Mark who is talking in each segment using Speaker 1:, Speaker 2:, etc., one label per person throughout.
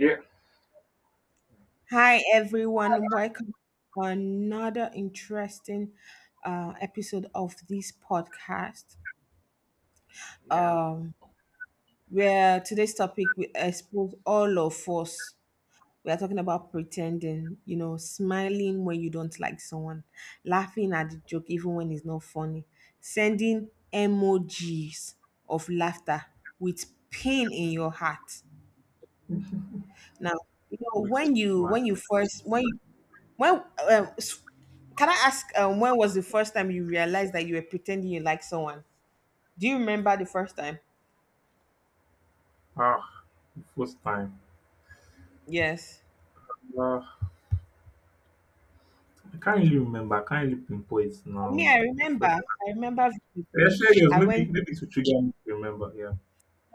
Speaker 1: Yeah,
Speaker 2: Hi, everyone. Welcome to another interesting episode of this podcast.
Speaker 1: yeah,
Speaker 2: Um, where today's topic we expose all of us. We are talking about pretending, smiling when you don't like someone, laughing at the joke even when it's not funny, sending emojis of laughter with pain in your heart. Now,
Speaker 1: wicked smile.
Speaker 2: when you first when you When um, s- can I ask, when was the first time you realized that you were pretending you like someone? Do you remember the first time?
Speaker 1: Ah, the first time.
Speaker 2: Yes.
Speaker 1: Ah, I can't really remember. I can't really pinpoint it
Speaker 2: For
Speaker 1: now.
Speaker 2: me, I
Speaker 1: The
Speaker 2: remember.
Speaker 1: first
Speaker 2: I remember
Speaker 1: time.
Speaker 2: vividly.
Speaker 1: Actually, it was
Speaker 2: I
Speaker 1: maybe
Speaker 2: went.
Speaker 1: maybe to trigger me to remember. Yeah.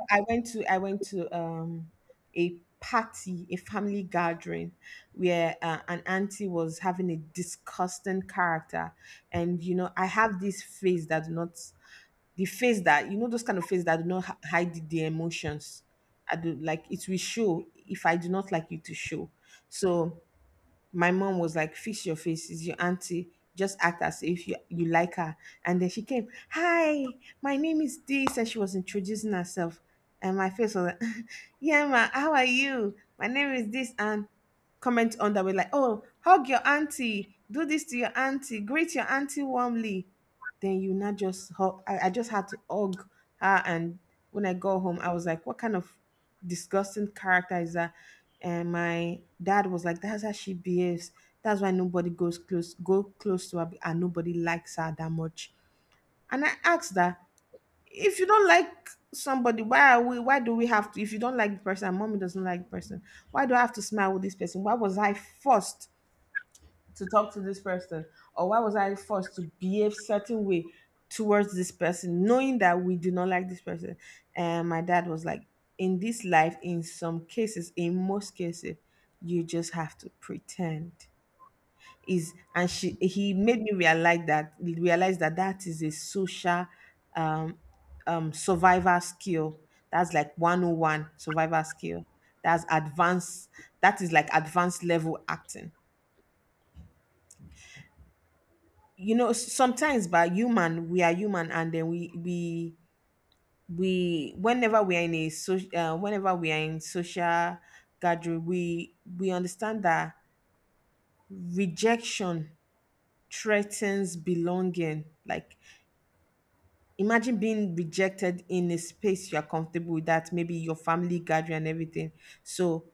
Speaker 2: I went to a party, a family gathering, where an auntie was having a disgusting character. And I have this face that do not, the face that, those kind of face that do not hide the emotions. I do like it will show. If I do not like you, to show. So my mom was like, "Fix your face. Is your auntie. Just act as if you like her." And then she came, "Hi, my name is this," and she was introducing herself. And my face was like, "Yeah, ma, how are you? My name is this." And comment on that way like, "Oh, hug your auntie. Do this to your auntie. Greet your auntie warmly." Then you not just hug. I just had to hug her. And when I go home, I was like, "What kind of disgusting character is that?" And my dad was like, that's how she behaves. That's why nobody goes close, go close to her, and nobody likes her that much. And I asked her, if you don't like somebody, why are we, why do we have to, if you don't like the person and mommy doesn't like the person, why do I have to smile with this person? Why was I forced to talk to this person, or why was I forced to behave certain way towards this person knowing that we do not like this person? And my dad was like, in this life, in some cases, in most cases, you just have to pretend. Is and she, he made me realize that, realize that that is a social um survival skill. That's like 101 survival skill. That's advanced. That is like advanced level acting. You know, sometimes by human, we are human, and then we whenever we are in a social whenever we are in social gathering, we understand that rejection threatens belonging. Like, imagine being rejected in a space you are comfortable with, that maybe your family gathering and everything. So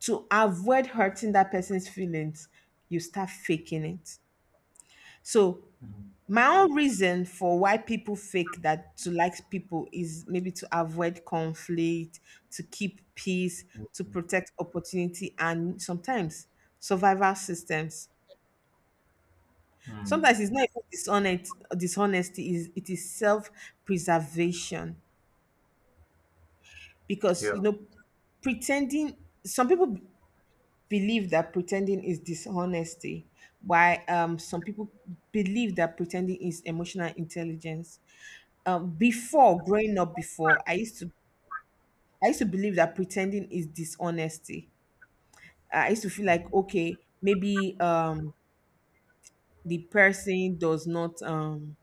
Speaker 2: to avoid hurting that person's feelings, you start faking it. So
Speaker 1: Mm,
Speaker 2: my own reason for why people fake that to like people is maybe to avoid conflict, to keep peace, to
Speaker 1: mm,
Speaker 2: protect opportunity, and sometimes survival systems.
Speaker 1: mm,
Speaker 2: Sometimes it's not even dishonesty. Is it is self preservation because,
Speaker 1: yeah.
Speaker 2: pretending. Some people believe that pretending is dishonesty, while some people believe that pretending is emotional intelligence. Before growing up, before I used to believe that pretending is dishonesty. I used to feel like,
Speaker 1: Mm,
Speaker 2: okay, maybe the person does not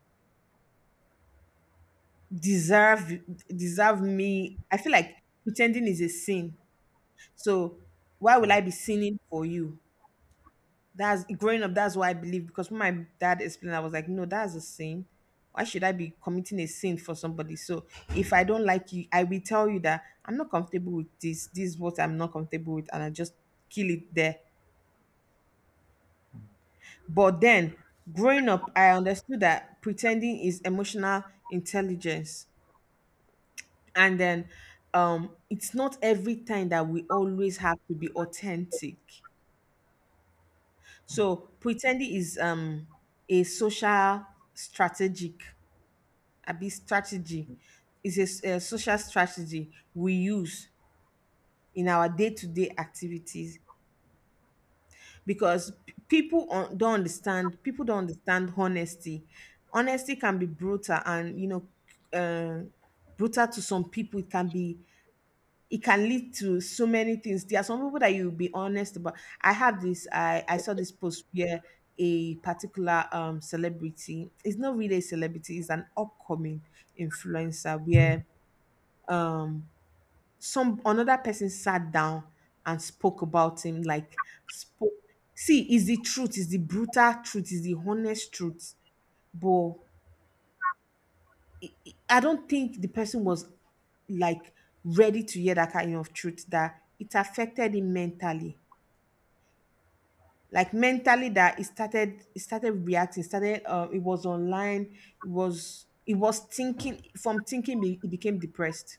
Speaker 2: deserve deserve me. I feel like pretending is a sin. So why will
Speaker 1: mm,
Speaker 2: I be sinning for you? That's growing up. That's what I believe, because when my dad explained, I was like, no, that's a sin. Why should I be committing a sin for somebody? So if I don't like you, I will tell you that I'm not comfortable with this. This is what I'm not comfortable with, and I just kill it there. But then growing up, I understood that pretending is emotional intelligence, and then, it's not every time that we always have to be authentic.
Speaker 1: mm,
Speaker 2: So pretending is, a social strategic abi strategy. Is a, a social strategy we use in our day-to-day activities, because people don't understand, Honesty can be brutal, and you know, uh, brutal to some people. It can be, it can lead to so many things. There are some people that you'll be honest about. I saw this post where a particular celebrity, it's not really a celebrity, it's an upcoming influencer, where um some another person sat down and spoke about him, like, spoke, see, is the truth, is the brutal truth, is the honest truth. But I don't think the person was, like, ready to hear that kind of truth, that it affected him mentally, like mentally, that he started reacting, started, it was online, it was thinking, from thinking, he became depressed.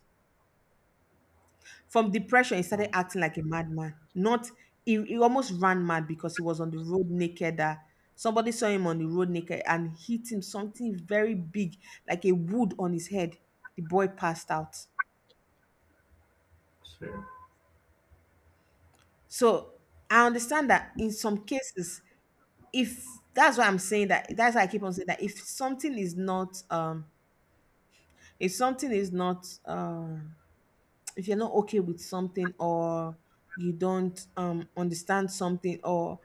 Speaker 2: From depression, he started
Speaker 1: mm.
Speaker 2: acting like a madman. Not he almost ran mad because he was on the road naked. That somebody saw him on the road naked and hit him something very big, like a wood on his head. The boy passed out.
Speaker 1: Sure.
Speaker 2: So I understand that in some cases, if that's why I'm saying that, that's why I keep on saying that, if something is not if you're not okay with something, or you don't understand something, or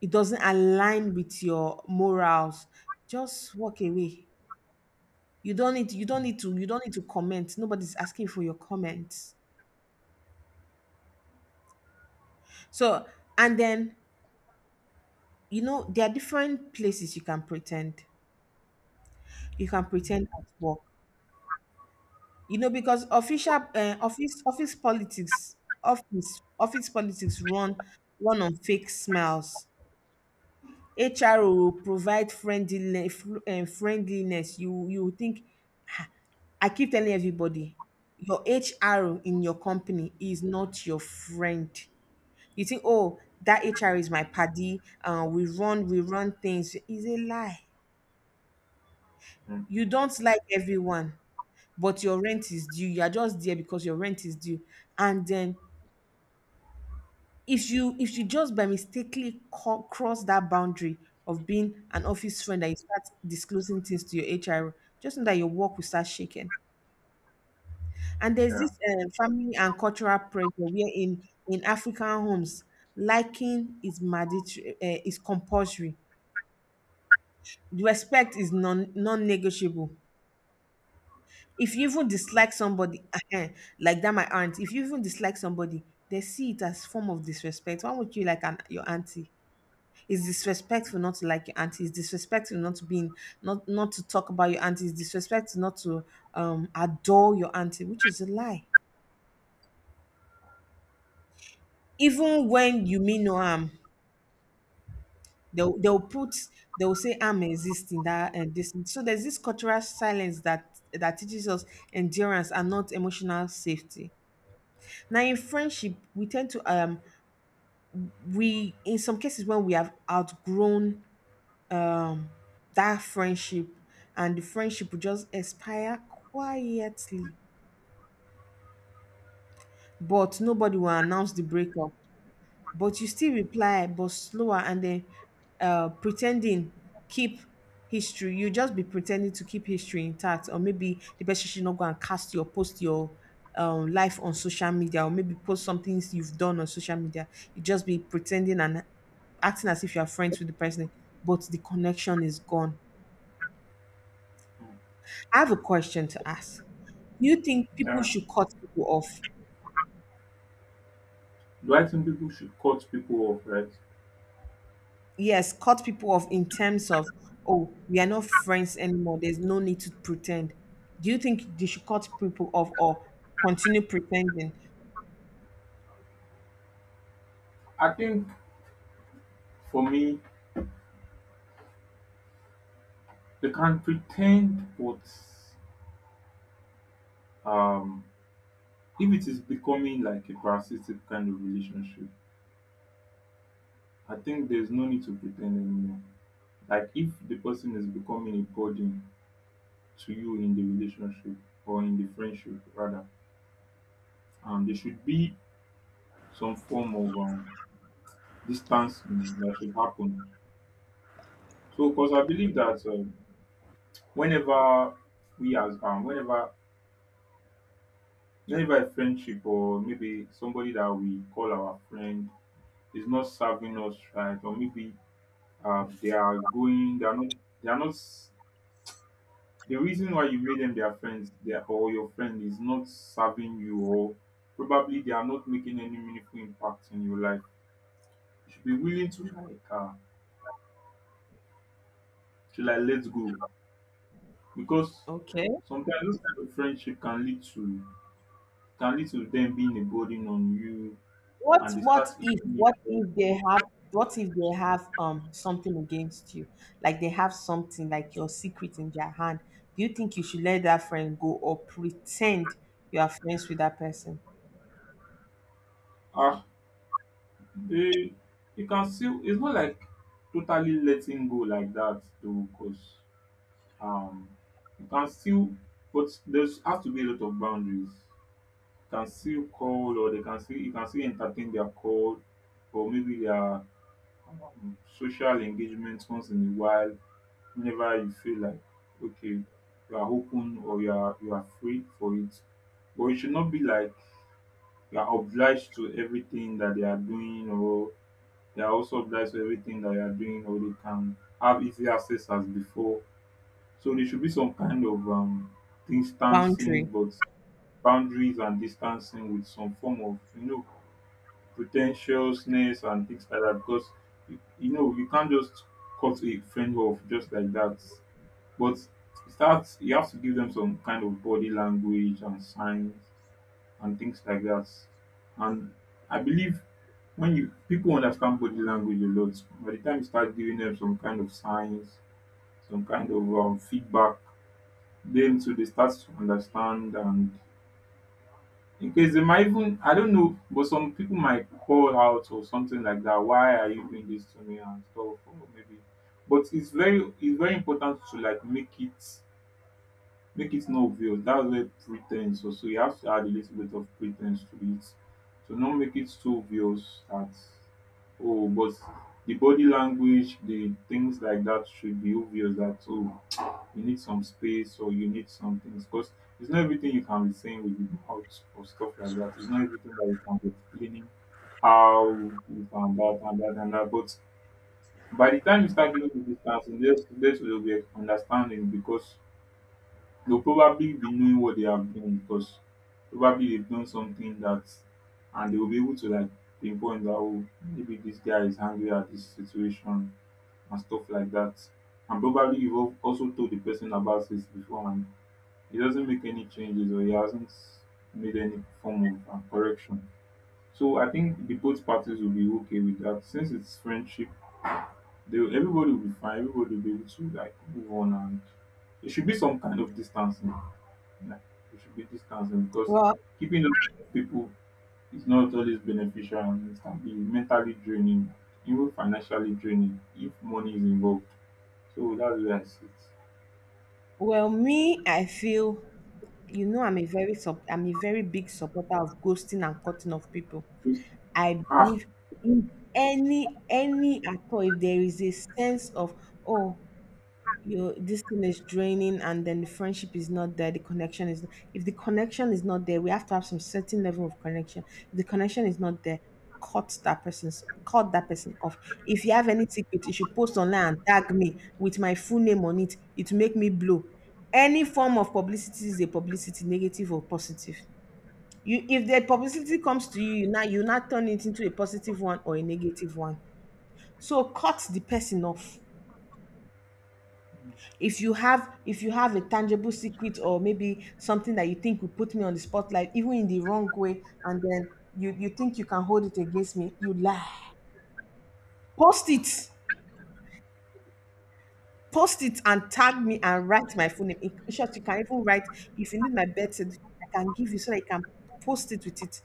Speaker 2: it doesn't align with your morals, just walk away. You don't need to comment. Nobody's asking for your comments. So, and then, you know, there are different places you can pretend. You can pretend at work, you know, because official office office politics run on fake smiles. HR will provide friendliness. You think, I keep telling everybody, your HR in your company is not your friend. You think, oh, that HR is my paddy. We run things. Is a lie.
Speaker 1: Mm,
Speaker 2: You don't like everyone, but your rent is due. You are just there because your rent is due. And then, if you just by mistakenly cross that boundary of being an office friend and you start disclosing things to your HR, just know that your work will start shaking. And there's
Speaker 1: yeah.
Speaker 2: this, family and cultural pressure where in African homes, liking is mandatory, is compulsory. Respect is non negotiable. If you even dislike somebody, uh like that, my aunt, if you even dislike somebody, they see it as form of disrespect. Why would you like an, your auntie? It's disrespectful not to like your auntie. It's disrespectful not to be in, not not to talk about your auntie. It's disrespectful not to adore your auntie, which is a lie. Even when you mean no harm, they'll put, they'll say, I'm existing that and this. So there's this cultural silence that that teaches us endurance and not emotional safety. Now, in friendship, we tend to, we, in some cases, when we have outgrown, um that friendship, and the friendship will just expire quietly, but nobody will announce the breakup, but you still reply, but slower. And then, pretending, keep history, you just be pretending to keep history intact, or maybe the person should not go and cast your post, your life on social media, or maybe post some things you've done on social media. You just be pretending and acting as if you are friends with the person, but the connection is gone. I have a question to ask. Do you think people
Speaker 1: Yeah.
Speaker 2: should cut people off?
Speaker 1: Do I think people should cut people off, right?
Speaker 2: Yes, cut people off in terms of, oh, we are not friends anymore, there's no need to pretend. Do you think they should cut people off or continue pretending?
Speaker 1: I think for me, they can pretend, but um, if it is becoming like a parasitic kind of relationship, I think there's no need to pretend anymore. Like if the person is becoming a burden to you in the relationship or in the friendship rather, there should be some form of distancing that should happen. So, because I believe that whenever we as whenever a friendship or maybe somebody that we call our friend is not serving us right, or maybe they are going, they are not, they are not. The reason why you made them their friends they or your friend is not serving you or probably they are not making any meaningful impact in your life. You should be willing to like let go because
Speaker 2: Okay.
Speaker 1: sometimes this kind of friendship can lead to them being a burden on you and they start eating
Speaker 2: What
Speaker 1: you up.
Speaker 2: if they have what if they have, something against you? Like, they have something like your secret in their hand. Do you think you should let that friend go or pretend you are friends with that person?
Speaker 1: Ah they you can still, it's not like totally letting go like that though, because um you can still, but there's have to be a lot of boundaries. Can still call, or they can still you can still entertain their call or maybe their social engagement once in a while, whenever you feel like okay, you are open or you are free for it. But it should not be like you are obliged to everything that they are doing, or they are also obliged to everything that you are doing, or they can have easy access as before. So there should be some kind of distancing,
Speaker 2: Boundary.
Speaker 1: but boundaries and distancing with some form of, potential snares and things like that. Because you know you can't just cut a friend off just like that. But start, you have to give them some kind of body language and signs and things like that. And I believe when you people understand body language a lot, by the time you start giving them some kind of signs, some kind of feedback, then so they start to understand. And because they might even, I don't know, but some people might call out or something like that. Why are you doing this to me and stuff? Or maybe, but it's very important to like make it not obvious. That's where pretense. So you have to add a little bit of pretense to it. To not make it so obvious that, oh, but the body language, the things like that should be obvious that, oh, you need some space or you need some things. Because it's not everything you can be saying with your mouth or stuff like that. It's not everything that you can be explaining how you can that and that and that. But by the time you start giving the distance, there's will be understanding. Because they'll probably be knowing what they have done, because probably they've done something that, and they'll be able to like pinpoint that, oh, maybe this guy is angry at this situation and stuff like that. And probably you've also told the person about this before and he doesn't make any changes, or he hasn't made any form of correction. So I think the both parties will be okay with that. Since it's friendship, they will, everybody will be fine. Everybody will be able to like move on, and there should be some kind of distancing. Like there should be distancing, because
Speaker 2: Well,
Speaker 1: keeping up with people is not always beneficial, and it can be mentally draining, even financially draining if money is involved. So that's where I sit.
Speaker 2: me, I feel, you know, I'm a very sup- I'm a very big supporter of ghosting and cutting off people.
Speaker 1: Just-
Speaker 2: I
Speaker 1: Ah,
Speaker 2: believe in any at all. If there is a sense of oh, you this thing is draining and then the friendship is not there the connection is if the connection is not there, we have to have some certain level of connection. If the connection is not there, cut that person off. If you have any secret, you should post online and tag me with my full name on it. It will make me blow. Any form of publicity is a publicity, negative or positive. You If the publicity comes to you, you now turn it into a positive one or a negative one. So cut the person off. If you have a tangible secret or maybe something that you think will put me on the spotlight even in the wrong way, and then you think you can hold it against me, you lie. Post it. Post it and tag me and write my full name. In short, you can even write, if you need my birth certificate, I can give you so that you can post it with it.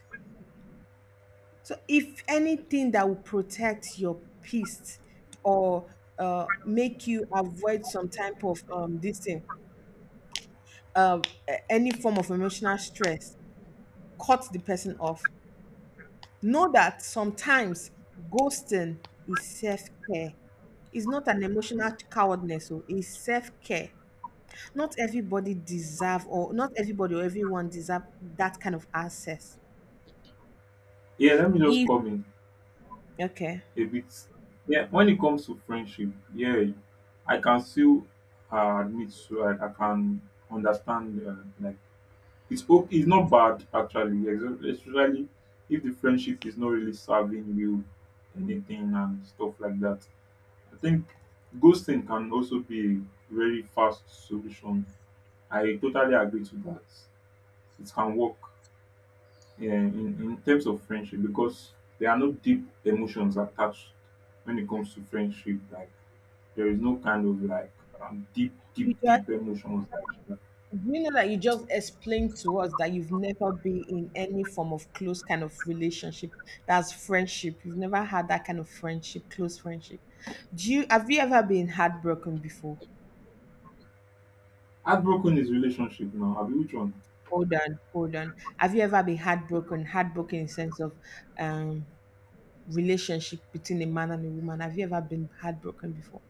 Speaker 2: So if anything that will protect your peace or make you avoid some type of this thing, uh, any form of emotional stress, cut the person off. Know that sometimes ghosting is self care. It's not an
Speaker 1: mm.
Speaker 2: emotional cowardness, so it's self care. Not everybody deserve, or not everybody or everyone deserve that kind of access.
Speaker 1: Yeah. Let me just
Speaker 2: If
Speaker 1: comment
Speaker 2: okay,
Speaker 1: a bit. Yeah, when it comes to friendship, yeah, I can still admit to like I can understand like it's not bad actually, especially if the friendship is not really serving you anything and stuff like that. I think ghosting can also be a very fast solution. I totally agree to that. It can work in terms of friendship, because there are no deep emotions attached when it comes to friendship. Like there is no kind of like deep,
Speaker 2: you
Speaker 1: deep,
Speaker 2: just
Speaker 1: deep emotions. Like that.
Speaker 2: you know that you just explained to us that you've never been in any form of close kind of relationship. That's friendship. You've never had that kind of friendship, close friendship. Do you Have you ever been heartbroken before?
Speaker 1: Heartbroken is relationship now. Have you, which one?
Speaker 2: Hold on, hold on. Have you ever been heartbroken? Heartbroken in sense of um relationship between a man and a woman. Have you ever been heartbroken before?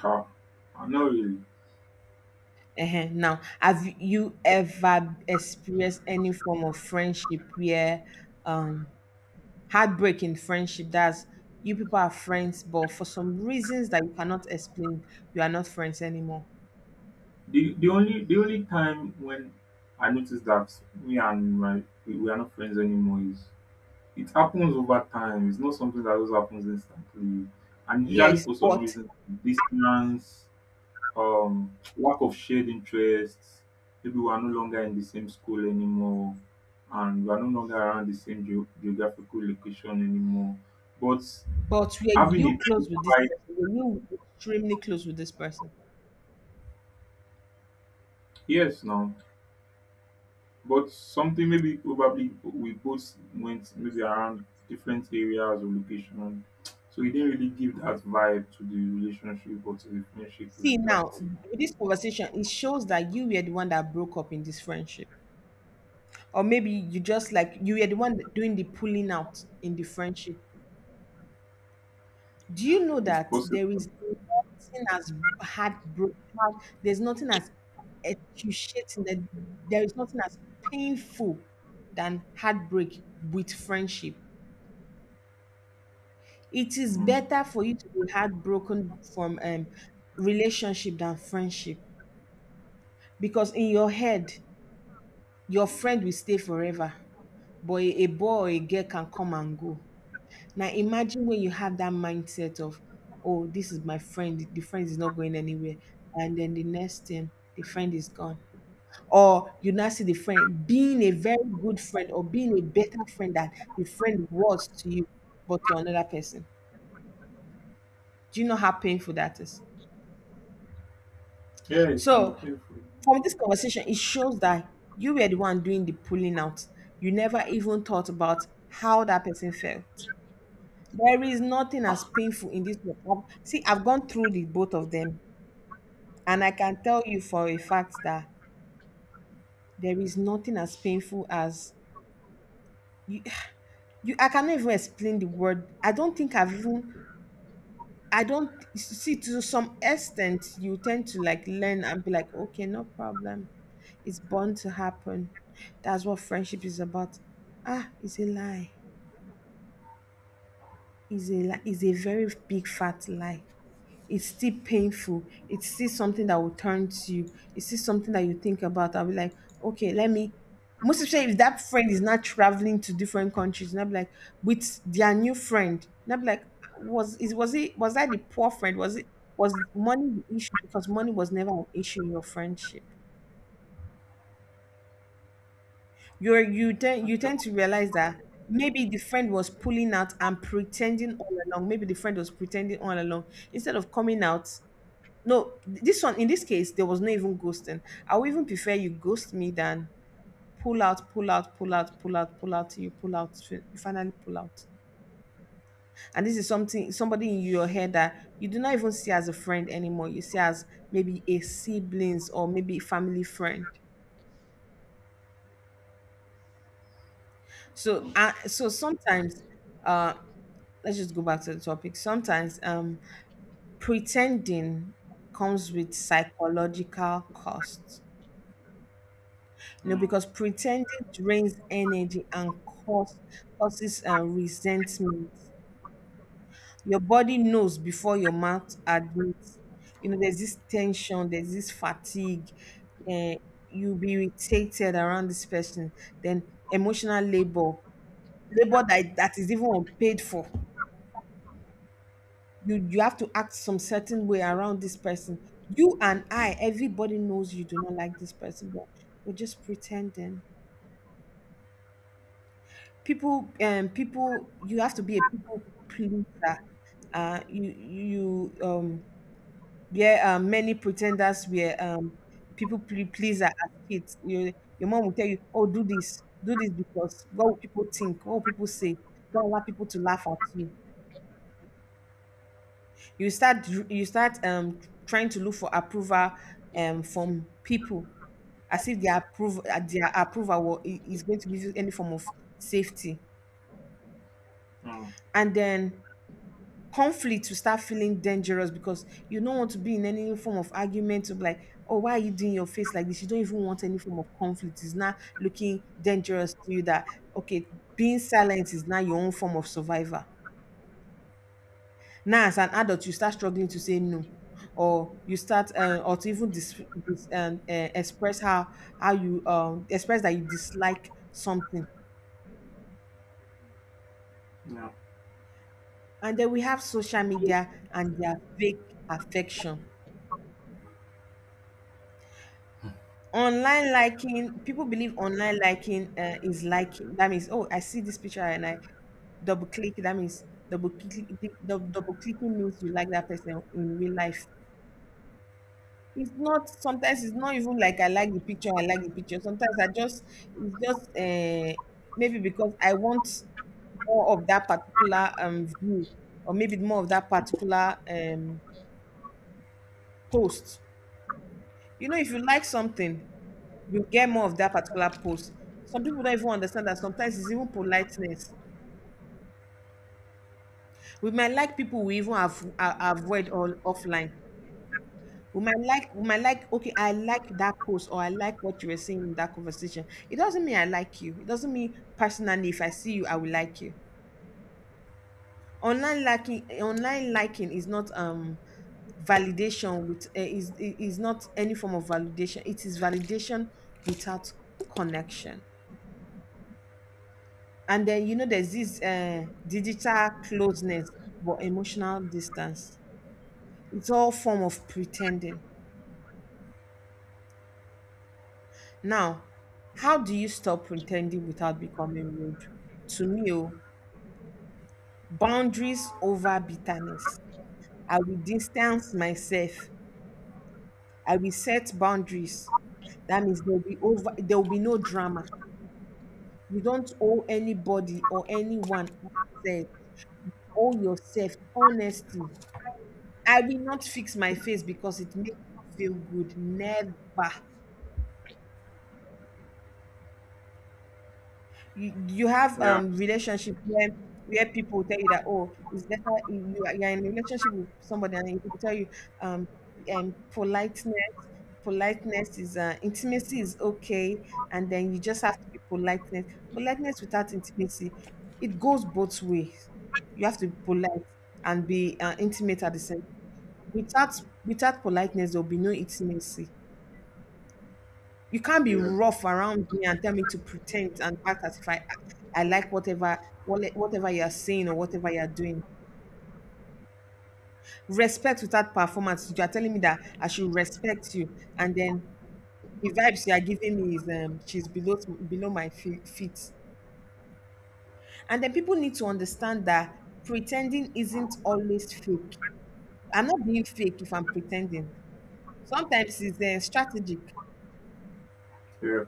Speaker 1: Ah, not really.
Speaker 2: Now, have you ever experienced any form of friendship where um heartbreak in friendship? That's you people are friends, but for some reasons that you cannot explain, you are not friends anymore.
Speaker 1: The only time when I noticed that me and my we are not friends anymore is, it happens over time. It's not something that always happens instantly. And usually
Speaker 2: Yes,
Speaker 1: for some
Speaker 2: but
Speaker 1: reason, distance, lack of shared interests, maybe we are no longer in the same school anymore, and we are no longer around the same geographical location anymore. But
Speaker 2: were
Speaker 1: having a
Speaker 2: you close
Speaker 1: deep
Speaker 2: with this
Speaker 1: fight,
Speaker 2: person? Were you extremely close with this person?
Speaker 1: yes, now. But something, maybe probably we both went maybe around different areas of location. So he didn't really give that vibe to the relationship or to the friendship
Speaker 2: See
Speaker 1: like
Speaker 2: now,
Speaker 1: that.
Speaker 2: with this conversation, it shows that you were the one that broke up in this friendship. Or maybe you just like you were the one doing the pulling out in the friendship. Do you know
Speaker 1: It's
Speaker 2: that
Speaker 1: possible.
Speaker 2: there is nothing as heartbreak, heart, there's nothing as excruciating, that there is nothing as painful than heartbreak with friendship. It is
Speaker 1: Mm.
Speaker 2: better for you to be heartbroken from relationship than friendship, because in your head your friend will stay forever, but a boy or a girl can come and go. Now imagine when you have that mindset of, oh, this is my friend, the friend is not going anywhere. And then the next thing, the friend is gone. Or you now see the friend being a very good friend or being a better friend that the friend was to you, but to another person. Do you know how painful that is?
Speaker 1: Yeah, it can be
Speaker 2: So
Speaker 1: painful.
Speaker 2: from this conversation, it shows that you were the one doing the pulling out. You never even thought about how that person felt. There is nothing as painful in this work. See, I've gone through the both of them, and I can tell you for a fact that there is nothing as painful as you. you I cannot even explain the word. I don't think I've even I don't see. To some extent you tend to like learn and be like, okay, no problem. It's bound to happen. That's what friendship is about. Ah, it's a lie. It's a lie. It's a very big fat lie. It's still painful. It's still something that will turn to you. It's still something that you think about. I'll be like, okay, let me. Most especially if that friend is not traveling to different countries, and I'll be like, with their new friend, and I'll be like, was that the poor friend? Was it was money the issue? Because money was never an issue in your friendship. You tend to realize that maybe the friend was pulling out and pretending all along. Maybe the friend was pretending all along instead of coming out. No, this one, in this case there was no even ghosting. I would even prefer you ghost me than pull out, pull out, pull out, pull out, pull out. Till You pull out, you finally pull out. And this is something, somebody in your head that you do not even see as a friend anymore. You see as maybe a siblings or maybe family friend. So, so sometimes, uh, let's just go back to the topic. Sometimes, pretending comes with psychological costs, you know,
Speaker 1: Mm.
Speaker 2: because pretending drains energy and causes resentment. Your body knows before your mouth admits. You know, there's this tension, there's this fatigue. Uh, you'll be irritated around this person. Then emotional labor, labor that is even unpaid for. You have to act some certain way around this person. You and I, everybody knows you do not like this person, but you're just pretending. People, you have to be a people pleaser. uh you you you, um yeah many pretenders were people pleaser as kids. Your mom will tell you, oh, do this, do this, because what will people think, what will people say, don't allow people to laugh at you. You start trying to look for approval from people, as if their approval, is going to give you any form of safety.
Speaker 1: Mm.
Speaker 2: And then conflict will start feeling dangerous because you don't want to be in any form of argument of like, oh, why are you doing your face like this? You don't even want any form of conflict. It's not looking dangerous to you that okay, being silent is now your own form of survival. Now, as an adult, you start struggling to say no, or you start or to even express how you express that you dislike something.
Speaker 1: Yeah.
Speaker 2: And then we have social media and their fake affection. Online liking, people believe online liking is liking. That means, oh, I see this picture and I double click. That means double click, double clicking means you like that person in real life. It's not. Sometimes it's not even like I like the picture. I like the picture. Sometimes I just it's just maybe because I want more of that particular view, or maybe more of that particular post. You know, if you like something, you get more of that particular post. Some people don't even understand that sometimes it's even politeness. We might like people we even avoid all offline. We might like, okay, I like that post or I like what you were saying in that conversation. It doesn't mean I like you. It doesn't mean personally if I see you, I will like you. Online liking is not validation with is not any form of validation. It is validation without connection. And then you know there's this digital closeness but emotional distance. It's all form of pretending. Now, how do you stop pretending without becoming rude? To me, oh, boundaries over bitterness. I will distance myself. I will set boundaries. That means there will be over. There will be no drama. You don't owe anybody or anyone access. Owe yourself honesty. I will not fix my face because it makes me feel good. Never. You have
Speaker 1: Yeah.
Speaker 2: relationship where people tell you that, oh, it's better you are in a relationship with somebody, and they tell you um and politeness, politeness is intimacy is okay, and then you just have to be politeness, politeness without intimacy. It goes both ways. You have to be polite and be intimate at the same, without, without politeness there will be no intimacy. You can't be
Speaker 1: Yeah.
Speaker 2: rough around me and tell me to pretend and act as if I I like whatever, whatever you're saying or whatever you're doing. Respect without performance. You are telling me that I should respect you, and then the vibes you are giving me is she's below, below my feet. And then people need to understand that pretending isn't always fake. I'm not being fake if I'm pretending. Sometimes it's strategic.
Speaker 1: Yeah.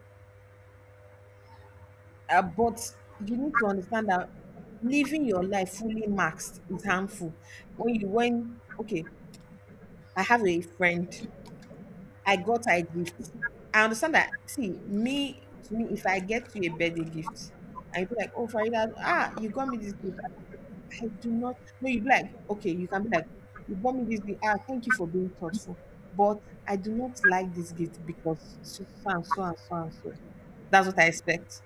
Speaker 2: But you need to understand that living your life fully maxed is harmful. When you when okay, I have a friend, I got her a gift. I understand that. See, me to me, if I get you a birthday gift, I be like, oh, Farida, ah, you got me this gift. I do not. No, you be like, okay, you can be like, you bought me this gift. Ah, thank you for being thoughtful, but I do not like this gift because so so and so and so and so. That's what I expect,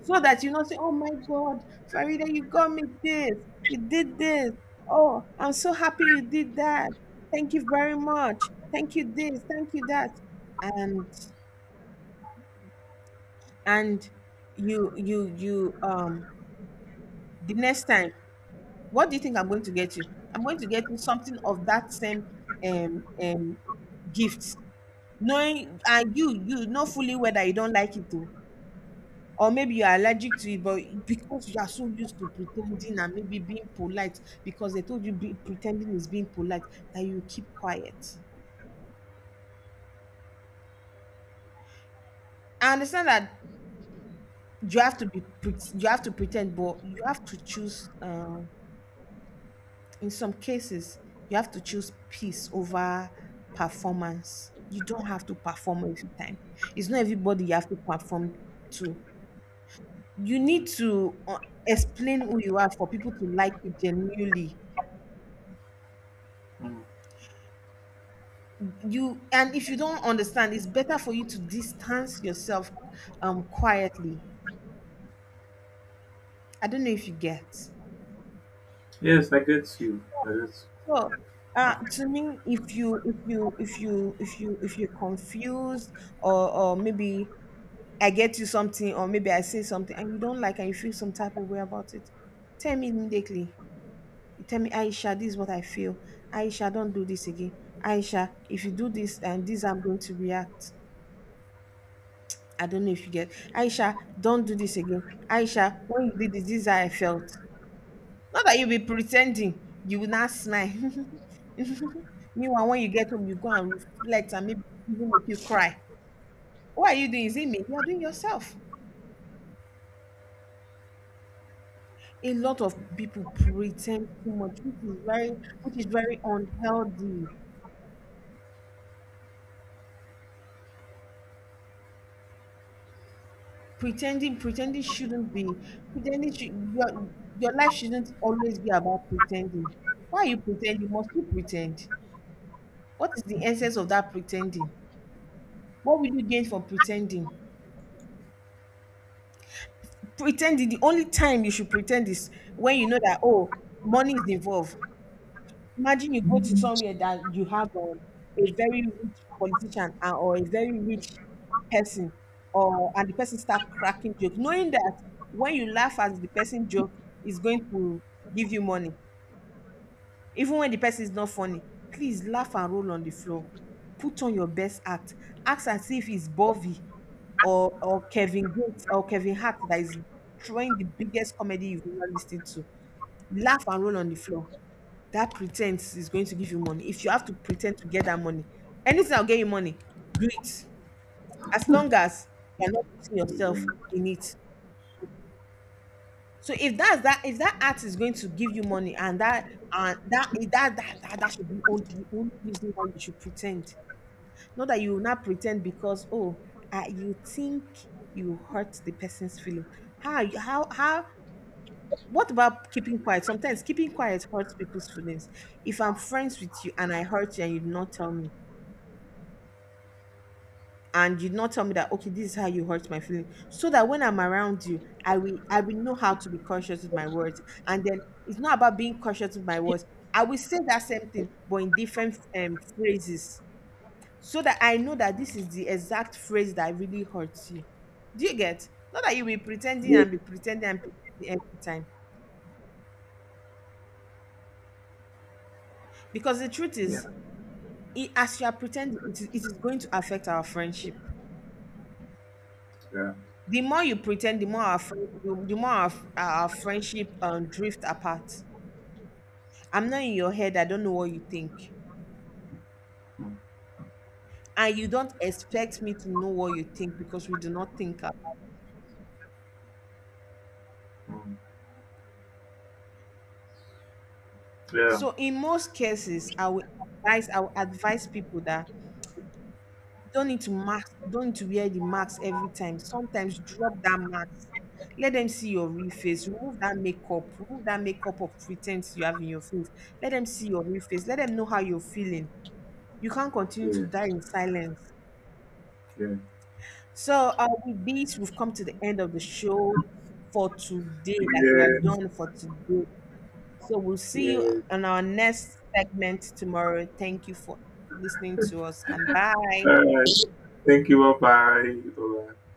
Speaker 2: so that you not say, "Oh my God, Farida, you got me this, you did this. Oh, I'm so happy you did that. Thank you very much. Thank you this, thank you that." And and you the next time, what do you think I'm going to get you? I'm going to get you something of that same um um gifts, knowing and you know fully whether you don't like it too. Or maybe you're allergic to it, but because you are so used to pretending and maybe being polite, because they told you be, pretending is being polite, that you keep quiet. I understand that you have to you have to pretend, but you have to choose. In some cases, you have to choose peace over performance. You don't have to perform every time. It's not everybody you have to perform to. You need to explain who you are for people to like you genuinely.
Speaker 1: Mm.
Speaker 2: You and if you don't understand, it's better for you to distance yourself quietly. I don't know if you get.
Speaker 1: Yes, I get you. I get you.
Speaker 2: So,
Speaker 1: Ah,
Speaker 2: to me, if you if you if you if you if you're confused or maybe I get you something, or maybe I say something and you don't like, and you feel some type of way about it, tell me immediately. You tell me, Aisha, this is what I feel. Aisha, don't do this again. Aisha, if you do this and this, I'm going to react. I don't know if you get. Aisha, don't do this again. Aisha, when you did this, this is how I felt. Not that you'll be pretending, you will not smile. Meanwhile, when you get home, you go and reflect and maybe even make you cry. What are you doing? Is it me? You are doing yourself. A lot of people pretend too much, which is very unhealthy. Pretending, pretending shouldn't be pretending should, your life shouldn't always be about pretending. Why are you pretending? Must you pretend? What is the essence of that pretending? What will you gain from pretending? Pretending, the only time you should pretend is when you know that, oh, money is involved. Imagine you go to somewhere that you have a very rich politician, or a very rich person, or and the person start cracking jokes, knowing that when you laugh at the person joke, is going to give you money. Even when the person is not funny, please laugh and roll on the floor. Put on your best act. Act as if it's Bovey or Kevin Gates or Kevin Hart that is throwing the biggest comedy you've ever listened to. Laugh and roll on the floor. That pretense is going to give you money. If you have to pretend to get that money, anything that'll get you money, do it. As long as you're not putting
Speaker 1: Yeah.
Speaker 2: yourself in it. So if that's that, if that art is going to give you money, and that that that that, that should be all, the only reason why you should pretend. Not that you will not pretend because oh, you think you hurt the person's feeling. How how? What about keeping quiet? Sometimes keeping quiet hurts people's feelings. If I'm friends with you and I hurt you and you do not tell me, and you not tell me that, okay, this is how you hurt my feeling, so that when I'm around you, I will know how to be cautious with my words. And then it's not about being cautious with my words, I will say that same thing but in different phrases, so that I know that this is the exact phrase that really hurts you. Do you get? Not that you will
Speaker 1: Yeah.
Speaker 2: be pretending and pretending every time, because the truth
Speaker 1: Yeah.
Speaker 2: is, as you are pretending, it is going to affect our friendship.
Speaker 1: Yeah.
Speaker 2: The more you pretend, the more our friend, the more our friendship drift apart. I'm not in your head. I don't know what you think,
Speaker 1: Mm.
Speaker 2: and you don't expect me to know what you think because we do not think alike.
Speaker 1: Mm. Yeah.
Speaker 2: So in most cases, I will advise people that you don't need to mask, you don't need to wear the mask every time. Sometimes drop that mask. Let them see your real face. Remove that makeup. Remove that makeup of pretense you have in your face. Let them see your real face. Let them know how you're feeling. You can't continue to
Speaker 1: Yeah.
Speaker 2: die in silence.
Speaker 1: Yeah.
Speaker 2: So, with this, we've come to the end of the show for today. Like, we are
Speaker 1: Yes.
Speaker 2: done for today. So, we'll see you
Speaker 1: Yes.
Speaker 2: on our next segment tomorrow. Thank you for listening to us and bye.
Speaker 1: All right. Thank you. Bye bye.